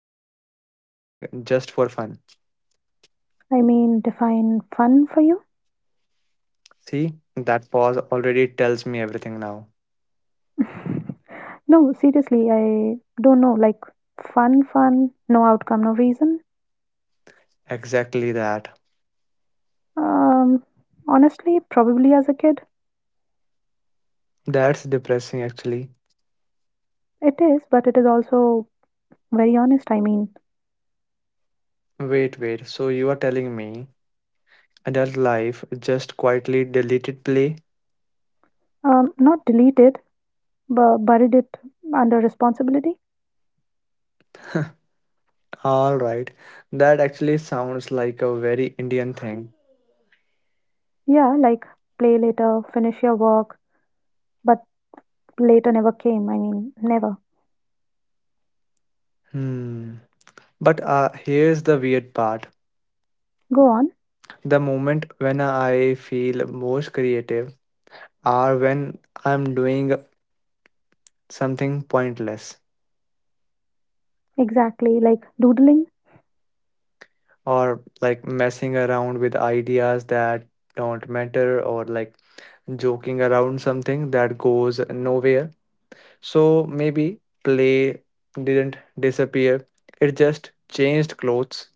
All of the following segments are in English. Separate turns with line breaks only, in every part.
time you did something just for fun?
I mean, define fun for you?
See, that pause already tells me everything now.
No, seriously, I don't know. Like, fun, fun, no outcome, no reason.
Exactly that.
Um, Honestly, probably as a kid,
That's depressing, actually.
it is, but it is also very honest.
Wait, wait. So, you are telling me adult life just quietly deleted play?
Not deleted, but buried it under responsibility.
Alright. That actually sounds like a very Indian thing.
Yeah, like, play later, finish your work, but later never came. I mean, never.
Hmm. But here's the weird part.
Go on.
The moment when I feel most creative are when I'm doing something pointless
Exactly, like doodling.
or like messing around with ideas that don't matter or like joking around something that goes nowhere. So maybe play didn't disappear, it just changed clothes.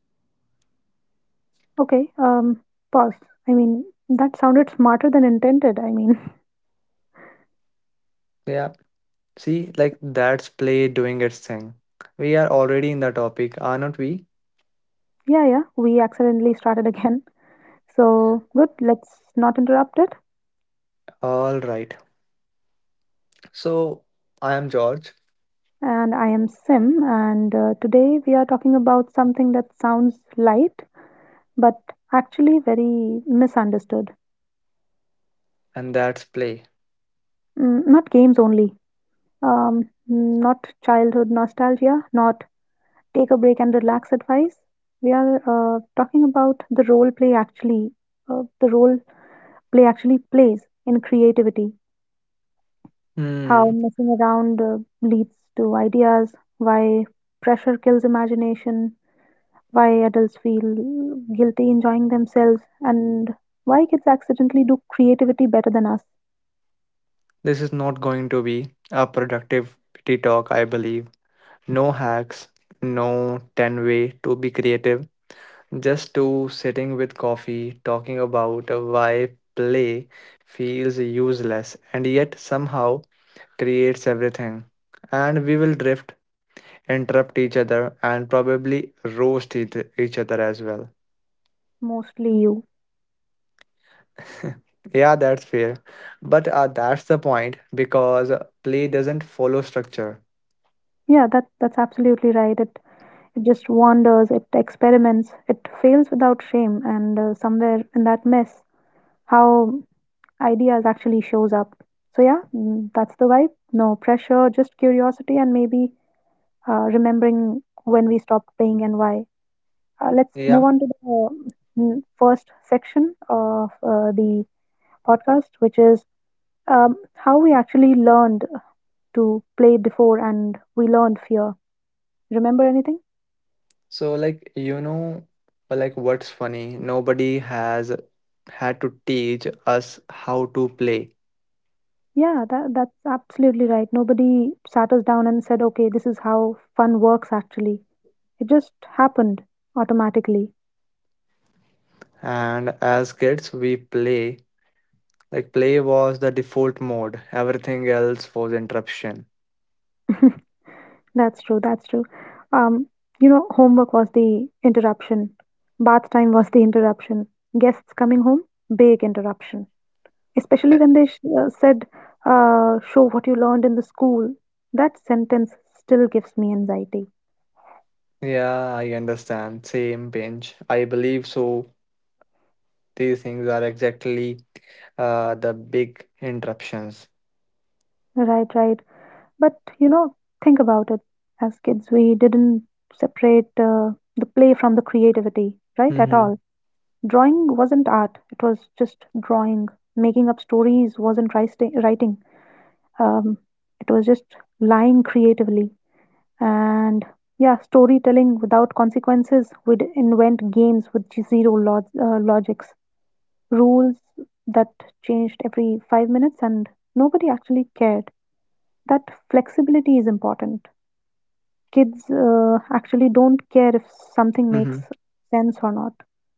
Okay, pause. I mean, that sounded smarter than intended. I mean,
Yeah, see, like that's play doing its thing. We are already in the topic, are not we?
yeah, yeah, we accidentally started again. So, good, let's not interrupt it.
All right. So I am George,
And I am Sim, and today we are talking about something that sounds light, but actually very misunderstood.
and that's play.
Mm, not games only, um, not childhood nostalgia, not take a break and relax advice. We are talking about the role play actually, the role play actually plays in creativity, how
Hmm,
messing around leads to ideas, why pressure kills imagination, why adults feel guilty enjoying themselves, and why kids accidentally do creativity better than us,
this is not going to be a productivity talk, I believe. No hacks, no 10 way to be creative, just to sitting with coffee talking about why play feels useless and yet somehow creates everything. And we will drift, interrupt each other, and probably roast each other as well.
mostly you.
Yeah, that's fair. But that's the point because play doesn't follow structure.
Yeah, that's absolutely right. It just wanders, it experiments, it fails without shame, and somewhere in that mess, how ideas actually shows up. So yeah, mm, that's the vibe. No pressure, just curiosity and maybe remembering when we stopped playing and why. Let's move
Yeah,
on to the mm, first section of the podcast, which is how we actually learned to play before and we learned fear. Remember anything?
so, like, you know, like what's funny? Nobody has had to teach us how to play.
Yeah, that's absolutely right. Nobody sat us down and said, okay, this is how fun works actually. It just happened automatically.
And as kids, we play. Like, play was the default mode, everything else was interruption.
That's true. That's true. Um, you know, homework was the interruption. Bath time was the interruption. Guests coming home, big interruption. Especially
Uh,
when they said, "Show what you learned in the school." That sentence still gives me anxiety.
Yeah, I understand. Same pinch. I believe so. These things are exactly the big interruptions.
Right, right. But you know, think about it. As kids, we didn't separate the play from the creativity, right? At
Mm-hmm.
all. Drawing wasn't art. It was just drawing. Making up stories wasn't writing. um, it was just lying creatively and yeah, storytelling without consequences. We'd invent games with zero logics, rules that changed every 5 minutes, and nobody actually cared that flexibility is important. Kids actually don't care if something makes
Mm-hmm.
sense or not.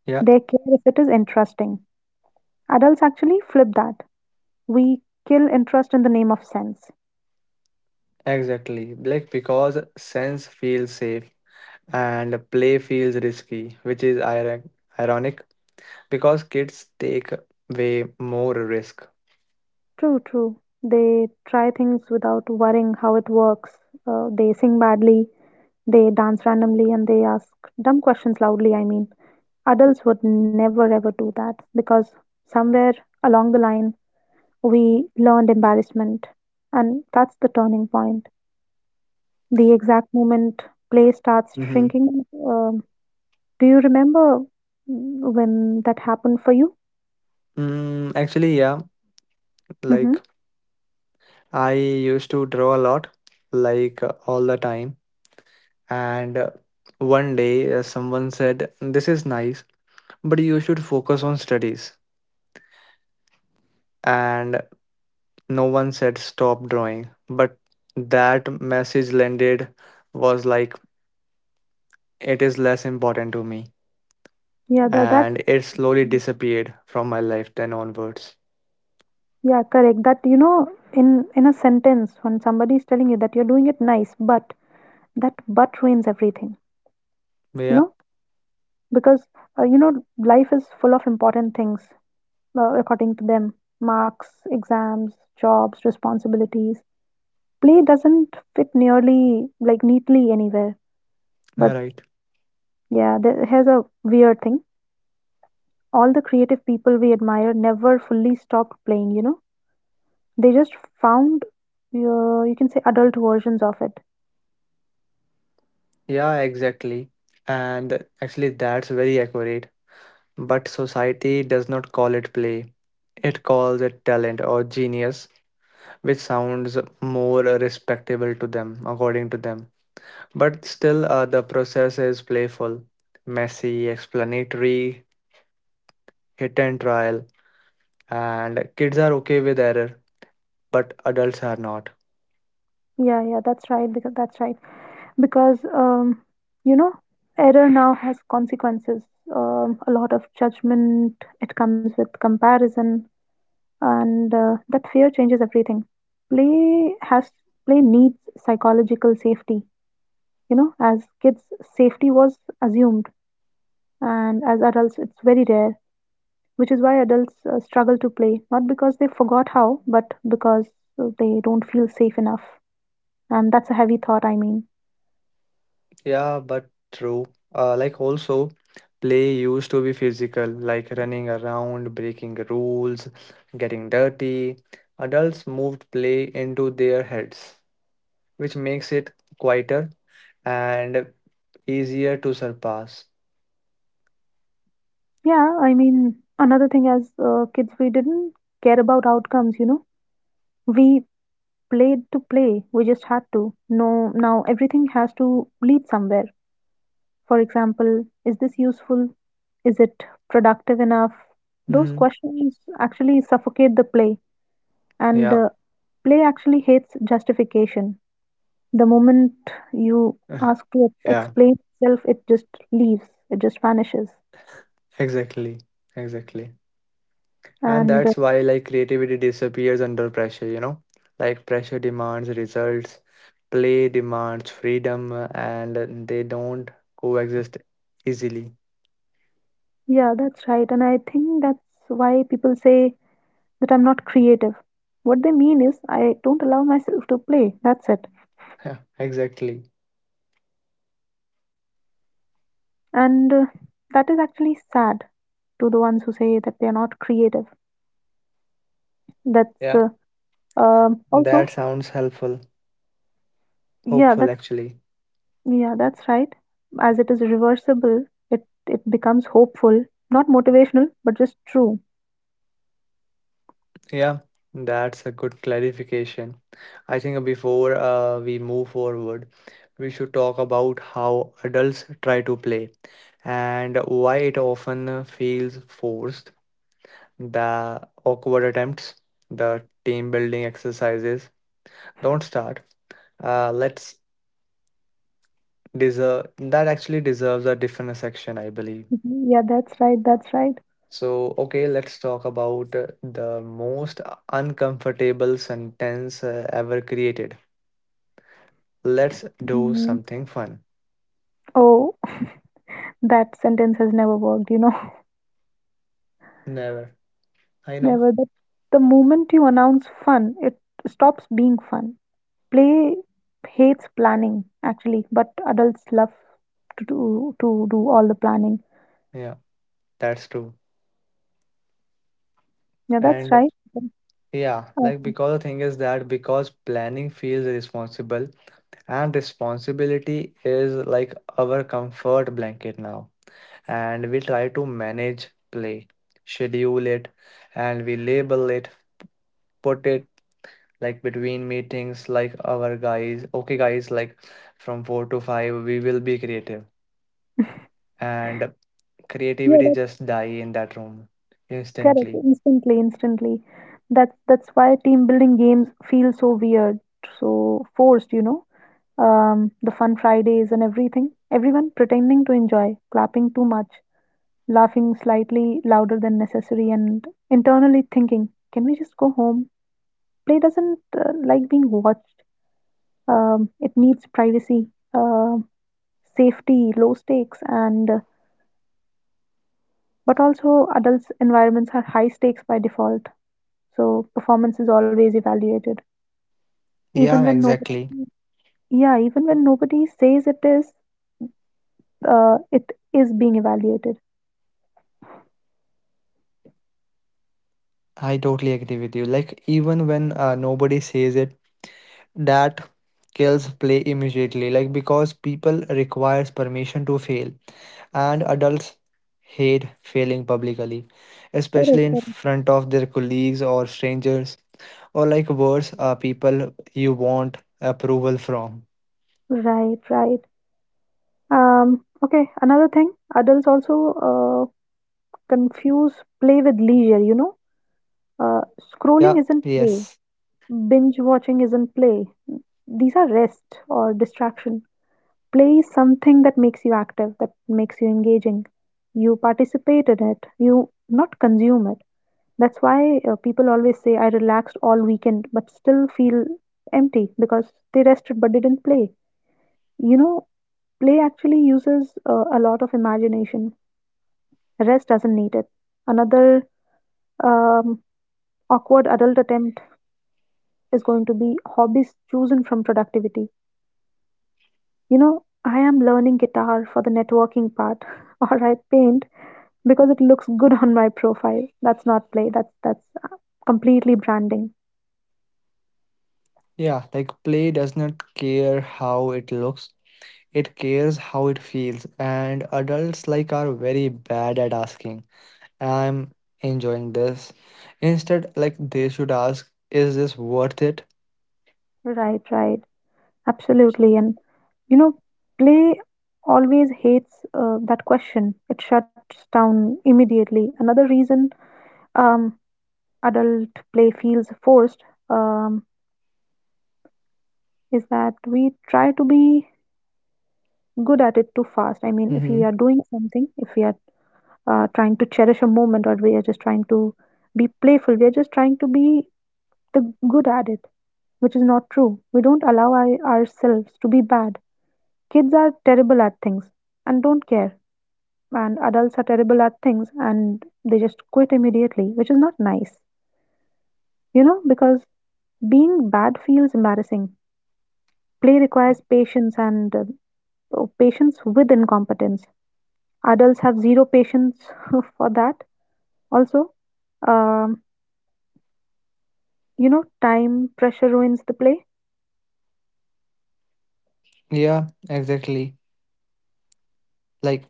Yeah,
They care if it is interesting. Adults actually flip that. We kill interest in the name of sense.
exactly. Like, because sense feels safe and play feels risky, which is ironic because kids take way more risk.
True, true. They try things without worrying how it works. They sing badly, they dance randomly, and they ask dumb questions loudly. I mean, adults would never ever do that because somewhere along the line we learned embarrassment, and that's the turning point. The exact moment play starts
Hmm.
shrinking. Do you remember when that happened for you?
Actually, yeah,
Hmm.
like I used to draw a lot, like all the time, and one day someone said, "This is nice, but you should focus on studies." And no one said stop drawing, but that message landed was like it is less important to me
Yeah, that that's
and it slowly disappeared from my life then onwards.
Yeah, correct. That you know, in a sentence, when somebody is telling you that you're doing it nice, but that but ruins everything. You
Yeah,
know, because uh, you know life is full of important things according to them: marks, exams, jobs, responsibilities. Play doesn't fit nearly like neatly anywhere.
you're
But
right.
yeah, here's a weird thing: all the creative people we admire never fully stopped playing. You know, they just found you can say adult versions of it.
Yeah, exactly. And actually, that's very accurate. But society does not call it play, it calls it talent or genius, which sounds more respectable to them, according to them. But still, the process is playful, messy, explanatory, hit and trial, and kids are okay with error, but adults are not.
Yeah, yeah, that's right. Because that's right. Because you know, error now has consequences. A lot of judgment. It comes with comparison, and that fear changes everything. Play has Play needs psychological safety. You know, as kids, safety was assumed, and as adults, it's very rare. Which is why adults struggle to play, not because they forgot how, but because they don't feel safe enough. And that's a heavy thought, I mean.
Yeah, but true. Like also, play used to be physical, like running around, breaking rules, getting dirty. Adults moved play into their heads, which makes it quieter and easier to surpass.
Yeah, I mean, another thing, as kids, we didn't care about outcomes, you know. We played to play. We just had to. No, now everything has to lead somewhere. For example, is this useful? Is it productive enough? Those
Hmm.
questions actually suffocate the play, and
Yeah,
play actually hates justification. The moment you ask to
yeah,
explain itself, it just leaves, it just vanishes.
exactly, exactly. And
And
that's why like creativity disappears under pressure, you know? Like pressure demands results, play demands freedom, and they don't coexist easily.
yeah, that's right. And I think that's why people say that I'm not creative. What they mean is I don't allow myself to play. That's it.
Yeah, exactly.
And that is actually sad to the ones who say that they are not creative. That's
Yeah.
uh, um, also,
That sounds helpful.
yeah,
Hopeful
that
actually.
yeah, that's right. As it is reversible, it becomes hopeful, not motivational, but just true.
Yeah. That's a good clarification. I think before we move forward, we should talk about how adults try to play and why it often feels forced, the awkward attempts, the team building exercises. Don't start. Let's deserve that actually deserves a different section, I believe.
Mhm. Yeah, that's right. That's right.
So, okay, let's talk about the most uncomfortable sentence ever created. Let's do
Mm.
something fun.
Oh, that sentence has never worked, you know.
Never. I know.
Never. The moment you announce fun, it stops being fun. Play hates planning, actually, but adults love to do all the planning.
Yeah, that's true.
Yeah, that's
And
right.
yeah,
Uh,
like because the thing is that because planning feels responsible, and responsibility is like our comfort blanket now. And we try to manage play, schedule it, and we label it, put it like between meetings, like our guys, okay, guys, like from 4 to 5, we will be creative. And
yeah,
creativity
that's
just die in that room
correct.
instantly.
Instantly, instantly. That's why team building games feel so weird, so forced, you know. The fun Fridays and everything. Everyone pretending to enjoy, clapping too much, laughing slightly louder than necessary and internally thinking, "Can we just go home?" Play doesn't like being watched. It needs privacy, uh, safety, low stakes, and but also adults' environments are high stakes by default. So performance is always evaluated, even
Yeah,
when nobody,
exactly.
yeah, even when nobody says it is, it is being evaluated.
I totally agree with you. Like, even when nobody says it, that kills play immediately like because people requires permission to fail and adults hate failing publicly,
Correct,
especially in
correct.
front of their colleagues or strangers or like worse people you want approval from.
Right, right. Okay, another thing, adults also confuse play with leisure, you know? Uh,
Yeah,
Scrolling isn't play,
yes,
binge watching isn't play. These are rest or distraction. Play is something that makes you active, that makes you engaging. You participate in it, you not consume it. That's why people always say, I relaxed all weekend but still feel empty, because they rested but didn't play. You know, play actually uses a lot of imagination, rest doesn't need it. Another um, awkward adult attempt is going to be hobbies chosen from productivity. You know, I am learning guitar for the networking part, or I paint because it looks good on my profile. That's not play. That's completely branding.
yeah. Like, play does not care how it looks, it cares how it feels, and adults like are very bad at asking, "I'm enjoying this." Instead, like they should ask, is this worth it?
Right, right, absolutely. And you know, play always hates that question. It shuts down immediately. Another reason um, adult play feels forced um, is that we try to be good at it too fast. I mean, if
Mm-hmm.
we are doing something, if we are trying to cherish a moment, or we are just trying to be playful, we are just trying to be the good at it, which is not true. We don't allow our, Ourselves to be bad. Kids are terrible at things and don't care, and adults are terrible at things and they just quit immediately, which is not nice, you know, because being bad feels embarrassing. Play requires patience and Patience with incompetence, adults have zero patience for that. Also, um, you know, time pressure ruins the play.
Yeah, exactly. Like,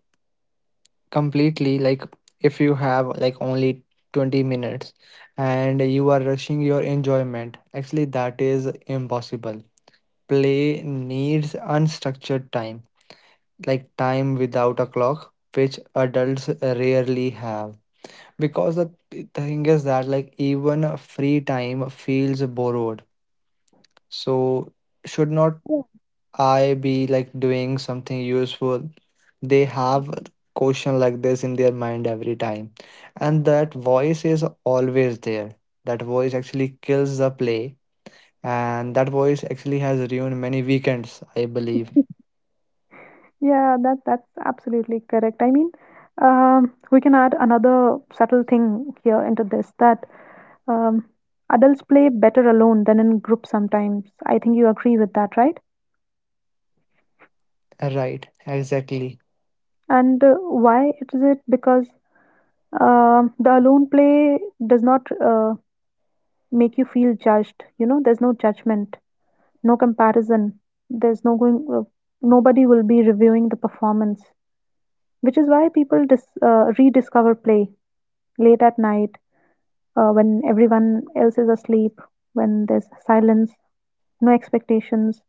completely. Like if you have like only 20 minutes and you are rushing your enjoyment, actually that is impossible. Play needs unstructured time, like time without a clock, which adults rarely have. Because the thing is that like even free time feels borrowed. So should not
Yeah.
I be like doing something useful? They have a question like this in their mind every time. And that voice is always there. That voice actually kills the play. And that voice actually has ruined many weekends, I believe.
Yeah, that's absolutely correct. I mean, we can add another subtle thing here into this, that um, adults play better alone than in groups sometimes. I think you agree with that, right?
Right, exactly.
And why is it? Because the alone play does not make you feel judged. You know, there's no judgment, no comparison. There's no going. Nobody will be reviewing the performance. Which is why people dis rediscover play late at night when everyone else is asleep, when there's silence, no expectations,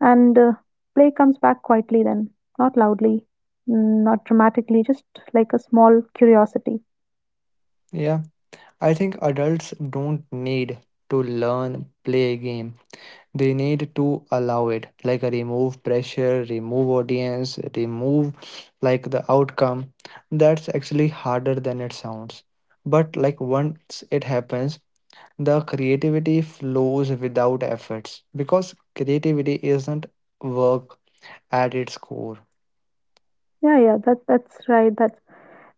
and play comes back quietly then, not loudly, mm, not dramatically, just like a small curiosity.
Yeah. I think adults don't need to learn play a game. They need to allow it, like remove pressure, remove audience, remove like the outcome. That's actually harder than it sounds. But like once it happens, the creativity flows without efforts because creativity isn't work at its core.
Yeah, yeah, that that's right. That's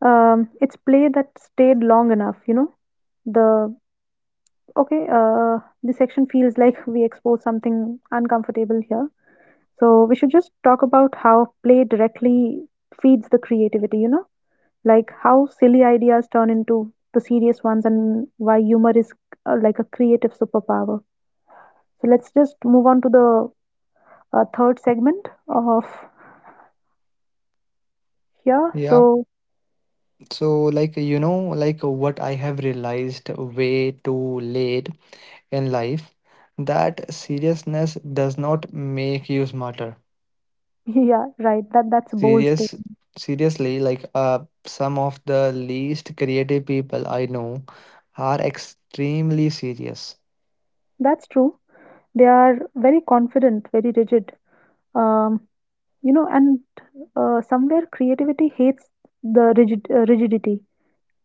It's play that stayed long enough, you know. The okay, this section feels like we expose something uncomfortable here. So we should just talk about how play directly feeds the creativity, you know, like how silly ideas turn into the serious ones and why humor is like a creative superpower. So let's just move on to the third segment of here.
Yeah.
So
So like you know like what I have realized way too late in life that seriousness does not make you smarter.
yeah, right. That's a bold
Serious,
statement.
seriously, like some of the least creative people I know are extremely serious.
That's true. They are very confident, very rigid. Um, you know, and somewhere creativity hates the rigid rigidity.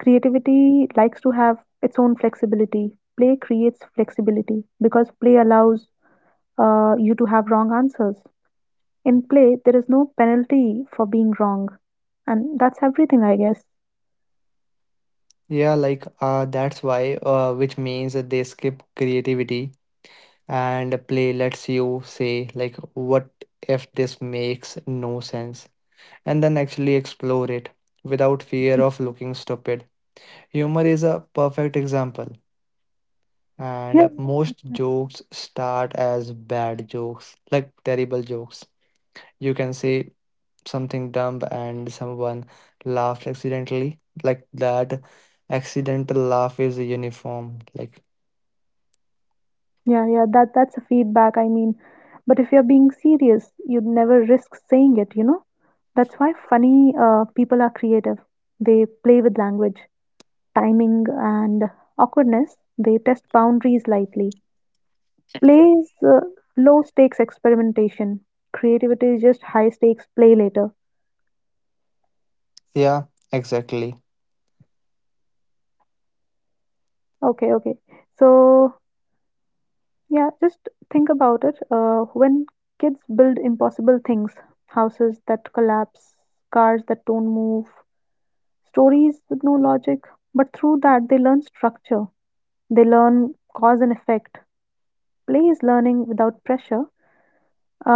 Creativity likes to have its own flexibility. Play creates flexibility because play allows you to have wrong answers. In play, there is no penalty for being wrong, and that's everything, I guess.
Yeah, like that's why, which means that they skip creativity and play lets you say, like, what if this makes no sense? And then actually explore it without fear of looking stupid. Humor is a perfect example.
Yeah,
And
yeah,
most
right.
jokes start as bad jokes, like terrible jokes. You can say something dumb and someone laughed accidentally. Like that accidental laugh is uniform. Like,
That's a feedback. I mean, but if you're being serious, you'd never risk saying it, you know? That's why funny people are creative. They play with language, timing, and awkwardness. They test boundaries lightly. Play's low stakes experimentation. Creativity is just high stakes play later.
yeah, exactly.
Okay, okay. So, yeah, just think about it. When kids build impossible things, houses that collapse, cars that don't move, stories with no logic, but through that they learn structure, they learn cause and effect. Play is learning without pressure.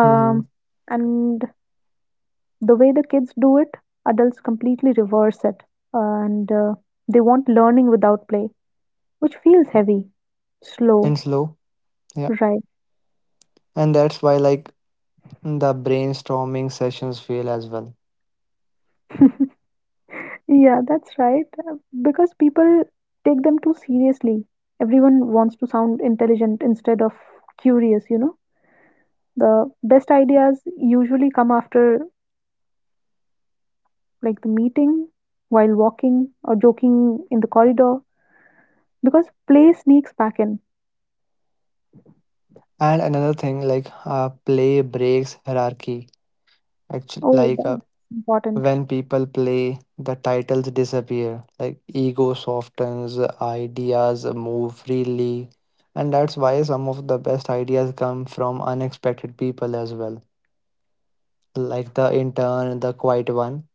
Hmm.
and the way the kids do it, adults completely reverse it and they want learning without play, which feels heavy,
And
slow,
slow. Yeah.
right?
And that's why, like, the brainstorming sessions fail as well.
Yeah, that's right. Because people take them too seriously. Everyone wants to sound intelligent instead of curious, The best ideas usually come after like the meeting, while walking, or joking in the corridor because play sneaks back in.
And another thing, like, play breaks hierarchy. Actually,
Oh,
like,
that's important.
when people play, the titles disappear, like ego softens, ideas move freely, and that's why some of the best ideas come from unexpected people as well, like the intern, the quiet one,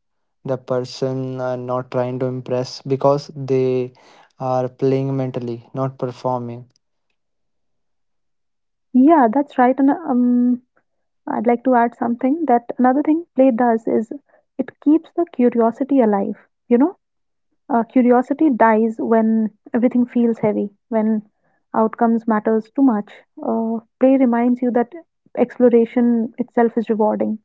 the person not trying to impress because they are playing mentally, not performing.
Yeah, that's right. And I'd like to add something that another thing play does is it keeps the curiosity alive. You know, curiosity dies when everything feels heavy, when outcomes matters too much. Play reminds you that exploration itself is rewarding.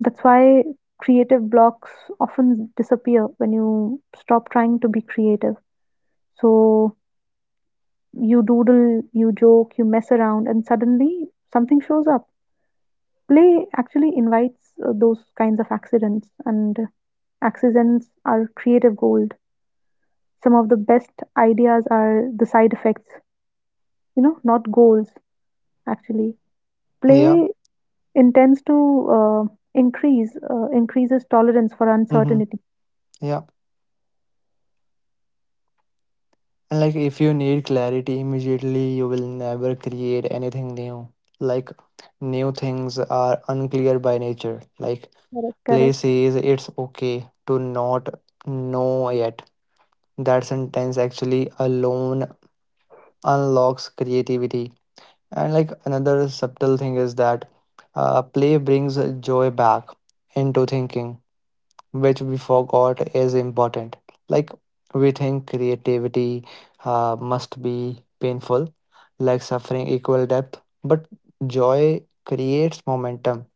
That's why creative blocks often disappear when you stop trying to be creative. So you doodle, you joke, you mess around, and suddenly something shows up. Play actually invites those kinds of accidents, and accidents are creative gold. Some of the best ideas are the side effects, not goals. Actually,
Yeah.
play intends to uh, increases tolerance for
Mm-hmm.
uncertainty.
Yeah. And like if you need clarity immediately, you will never create anything new. Like new things are unclear by nature. Like
Correct,
play
correct.
says it's okay to not know yet. That sentence actually alone unlocks creativity. And like another subtle thing is that play brings joy back into thinking, which we forgot is important. Like we think creativity must be painful, like suffering equal depth, but joy creates momentum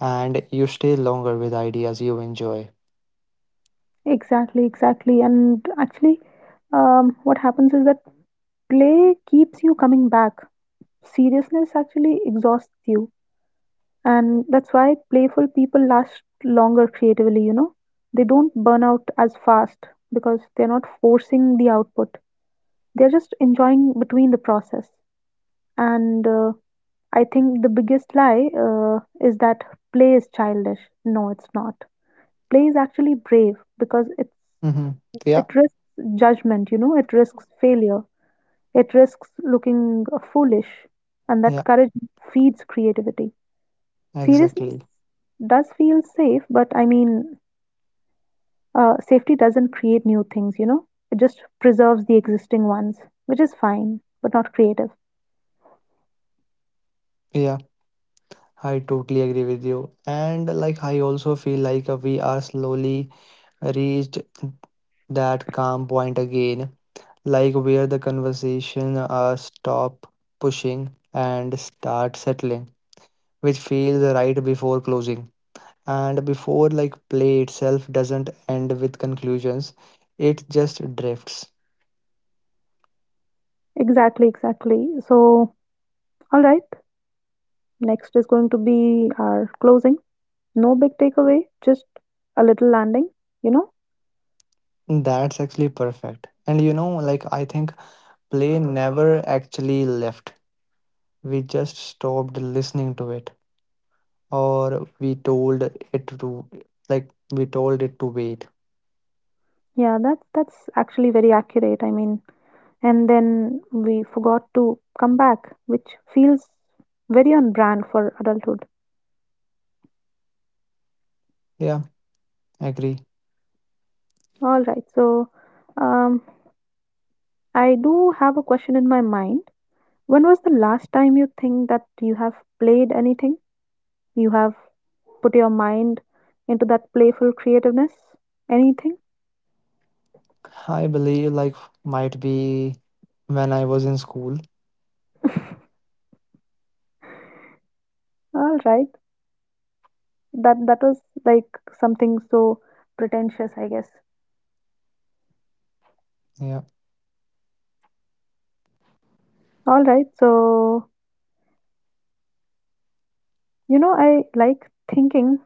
and you stay longer with ideas you enjoy.
Exactly, exactly. And actually, what happens is that play keeps you coming back. Seriousness actually exhausts you. And that's why playful people last longer creatively, they don't burn out as fast because they're not forcing the output, they're just enjoying between the process. And I think the biggest lie is that play is childish. No, it's not. Play is actually brave because it's,
Mm-hmm. Yeah,
it risks judgment, it risks failure, it risks looking foolish, and
yeah,
that courage feeds creativity. Seriousness
exactly.
does feel safe, but safety doesn't create new things, It just preserves the existing ones, which is fine, but not creative.
Yeah, I totally agree with you. And like I also feel like we are slowly reached that calm point again, like where the conversation stop pushing and start settling, which feels right before closing. And before like play itself doesn't end with conclusions, it just drifts.
Exactly, exactly. So, all right, next is going to be our closing. No big takeaway, just a little landing, you know?
That's actually perfect. And you know, like I think play never actually left. We just stopped listening to it, or we told it to, like, we told it to wait.
Yeah, that's actually very accurate. And then we forgot to come back, which feels very on brand for adulthood.
Yeah, agree.
All right, so um, I do have a question in my mind. When was the last time you think that you have played anything? You have put your mind into that playful creativeness? Anything?
I believe like might be when I was in school.
All right. That was like something so pretentious, I guess.
Yeah.
All right. So, you know, I like thinking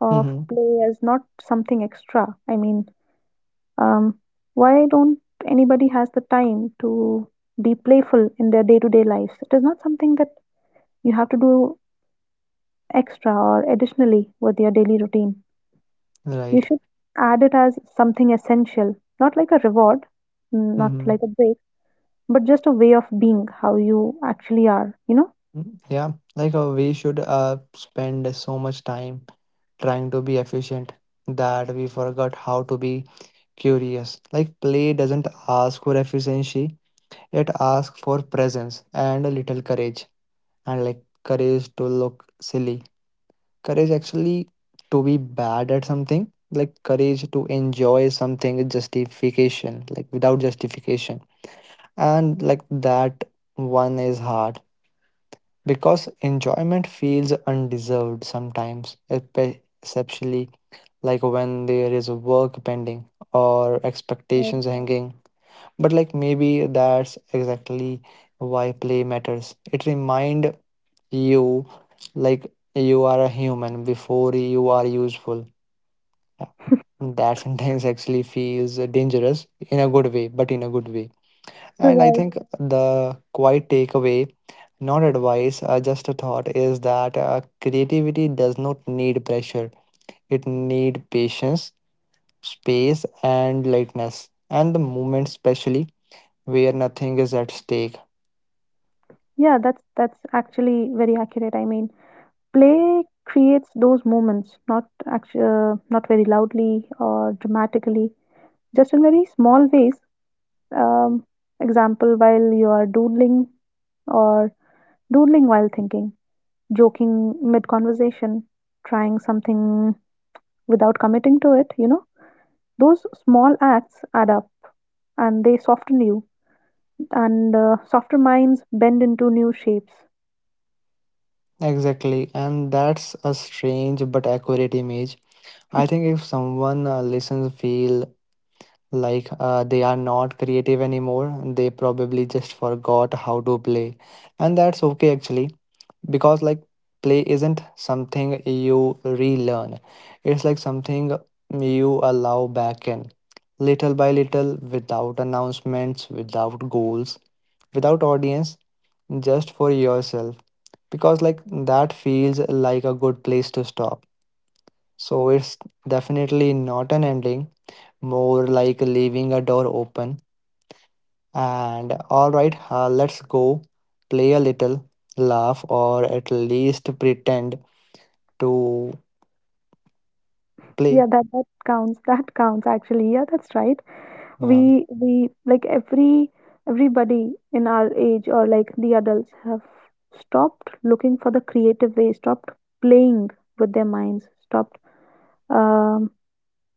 of
Mm-hmm.
play as not something extra. Um, why don't anybody has the time to be playful in their day-to-day lives? It is not something that you have to do extra or additionally with your daily routine. You
Right.
should add it as something essential, not like a reward, not
Mm-hmm.
like a break, but just a way of being how you actually are,
Mm-hmm. Yeah. Like we should spend so much time trying to be efficient that we forgot how to be curious. Like play doesn't ask for efficiency, it asks for presence and a little courage and like courage to look silly. Courage actually to be bad at something, like courage to enjoy something with justification, like without justification, and like that one is hard because enjoyment feels undeserved sometimes, especially like when there is work pending or
Right.
expectations hanging. But like maybe that's exactly why play matters. It remind you, like, you are a human before you are useful. That sometimes actually feels dangerous in a good way, but in a good way. And I
Right.
think the quiet takeaway, not advice, just a thought, is that creativity does not need pressure, it need patience, space and lightness and the moment, especially where nothing is at stake.
Yeah, that's actually very accurate. Play creates those moments, not actually, not very loudly or dramatically, just in very small ways. Um, Example, while you are doodling or doodling while thinking, joking mid conversation, trying something without committing to it, those small acts add up and they soften you, and softer minds bend into new shapes.
Exactly, and that's a strange but accurate image. I think if someone listens feel, like, they are not creative anymore. They probably just forgot how to play. And that's okay, actually, because, like, play isn't something you relearn, it's like something you allow back in. Little by little, without announcements, without goals, without audience, just for yourself. Because, like, that feels like a good place to stop. So, it's definitely not an ending, more like leaving a door open, and all right, let's go play a little, laugh, or at least pretend to play.
Yeah, that counts. That counts actually. Yeah, that's right.
Yeah.
We like every everybody in our age or like the adults have stopped looking for the creative way, stopped playing with their minds, stopped um,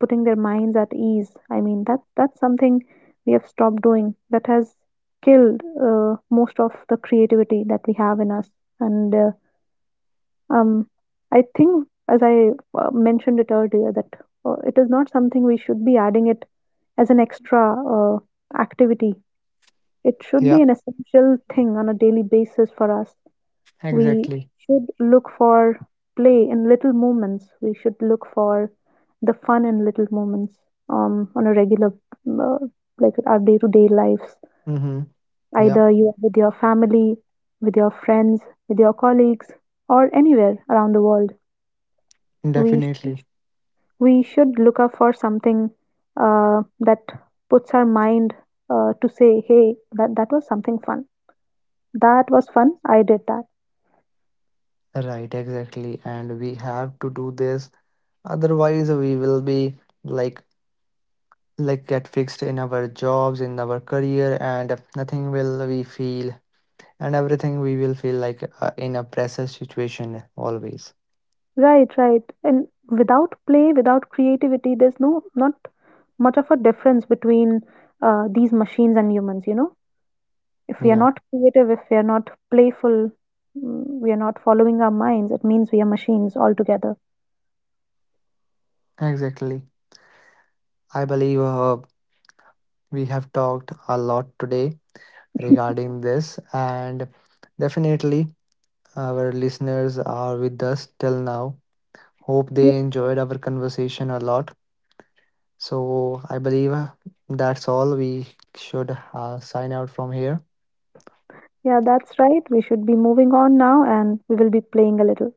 putting their minds at ease. I mean, that's something we have stopped doing that has killed most of the creativity that we have in us. And um, I think, as I mentioned it earlier, that it is not something we should be adding it as an extra activity. It should
Yeah,
be an essential thing on a daily basis for us. We
exactly.
should look for play in little moments. We should look for the fun in little moments on a regular, uh, like our day to day lives.
Mm-hmm. Yeah,
Either you are with your family, with your friends, with your colleagues, or anywhere around the world. We,
definitely.
we should look up for something that puts our mind to say, hey, that was something fun. That was fun. I did that.
Right, exactly. And we have to do this. Otherwise, we will be like, get fixed in our jobs, in our career, and nothing will we feel, and everything we will feel like in a pressure situation always.
Right, right. And without play, without creativity, there's no not much of a difference between these machines and humans, you know. If we are
Yeah,
not creative, if we are not playful, we are not following our minds, it means we are machines altogether.
exactly. I believe we have talked a lot today regarding this, and definitely our listeners are with us till now. Hope
Yeah,
they enjoyed our conversation a lot. So, I believe that's all. We should sign out from here.
yeah, that's right. We should be moving on now and we will be playing a little.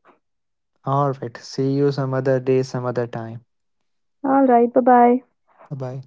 All right. See you some other day, some other time.
All right, bye bye.
Bye bye.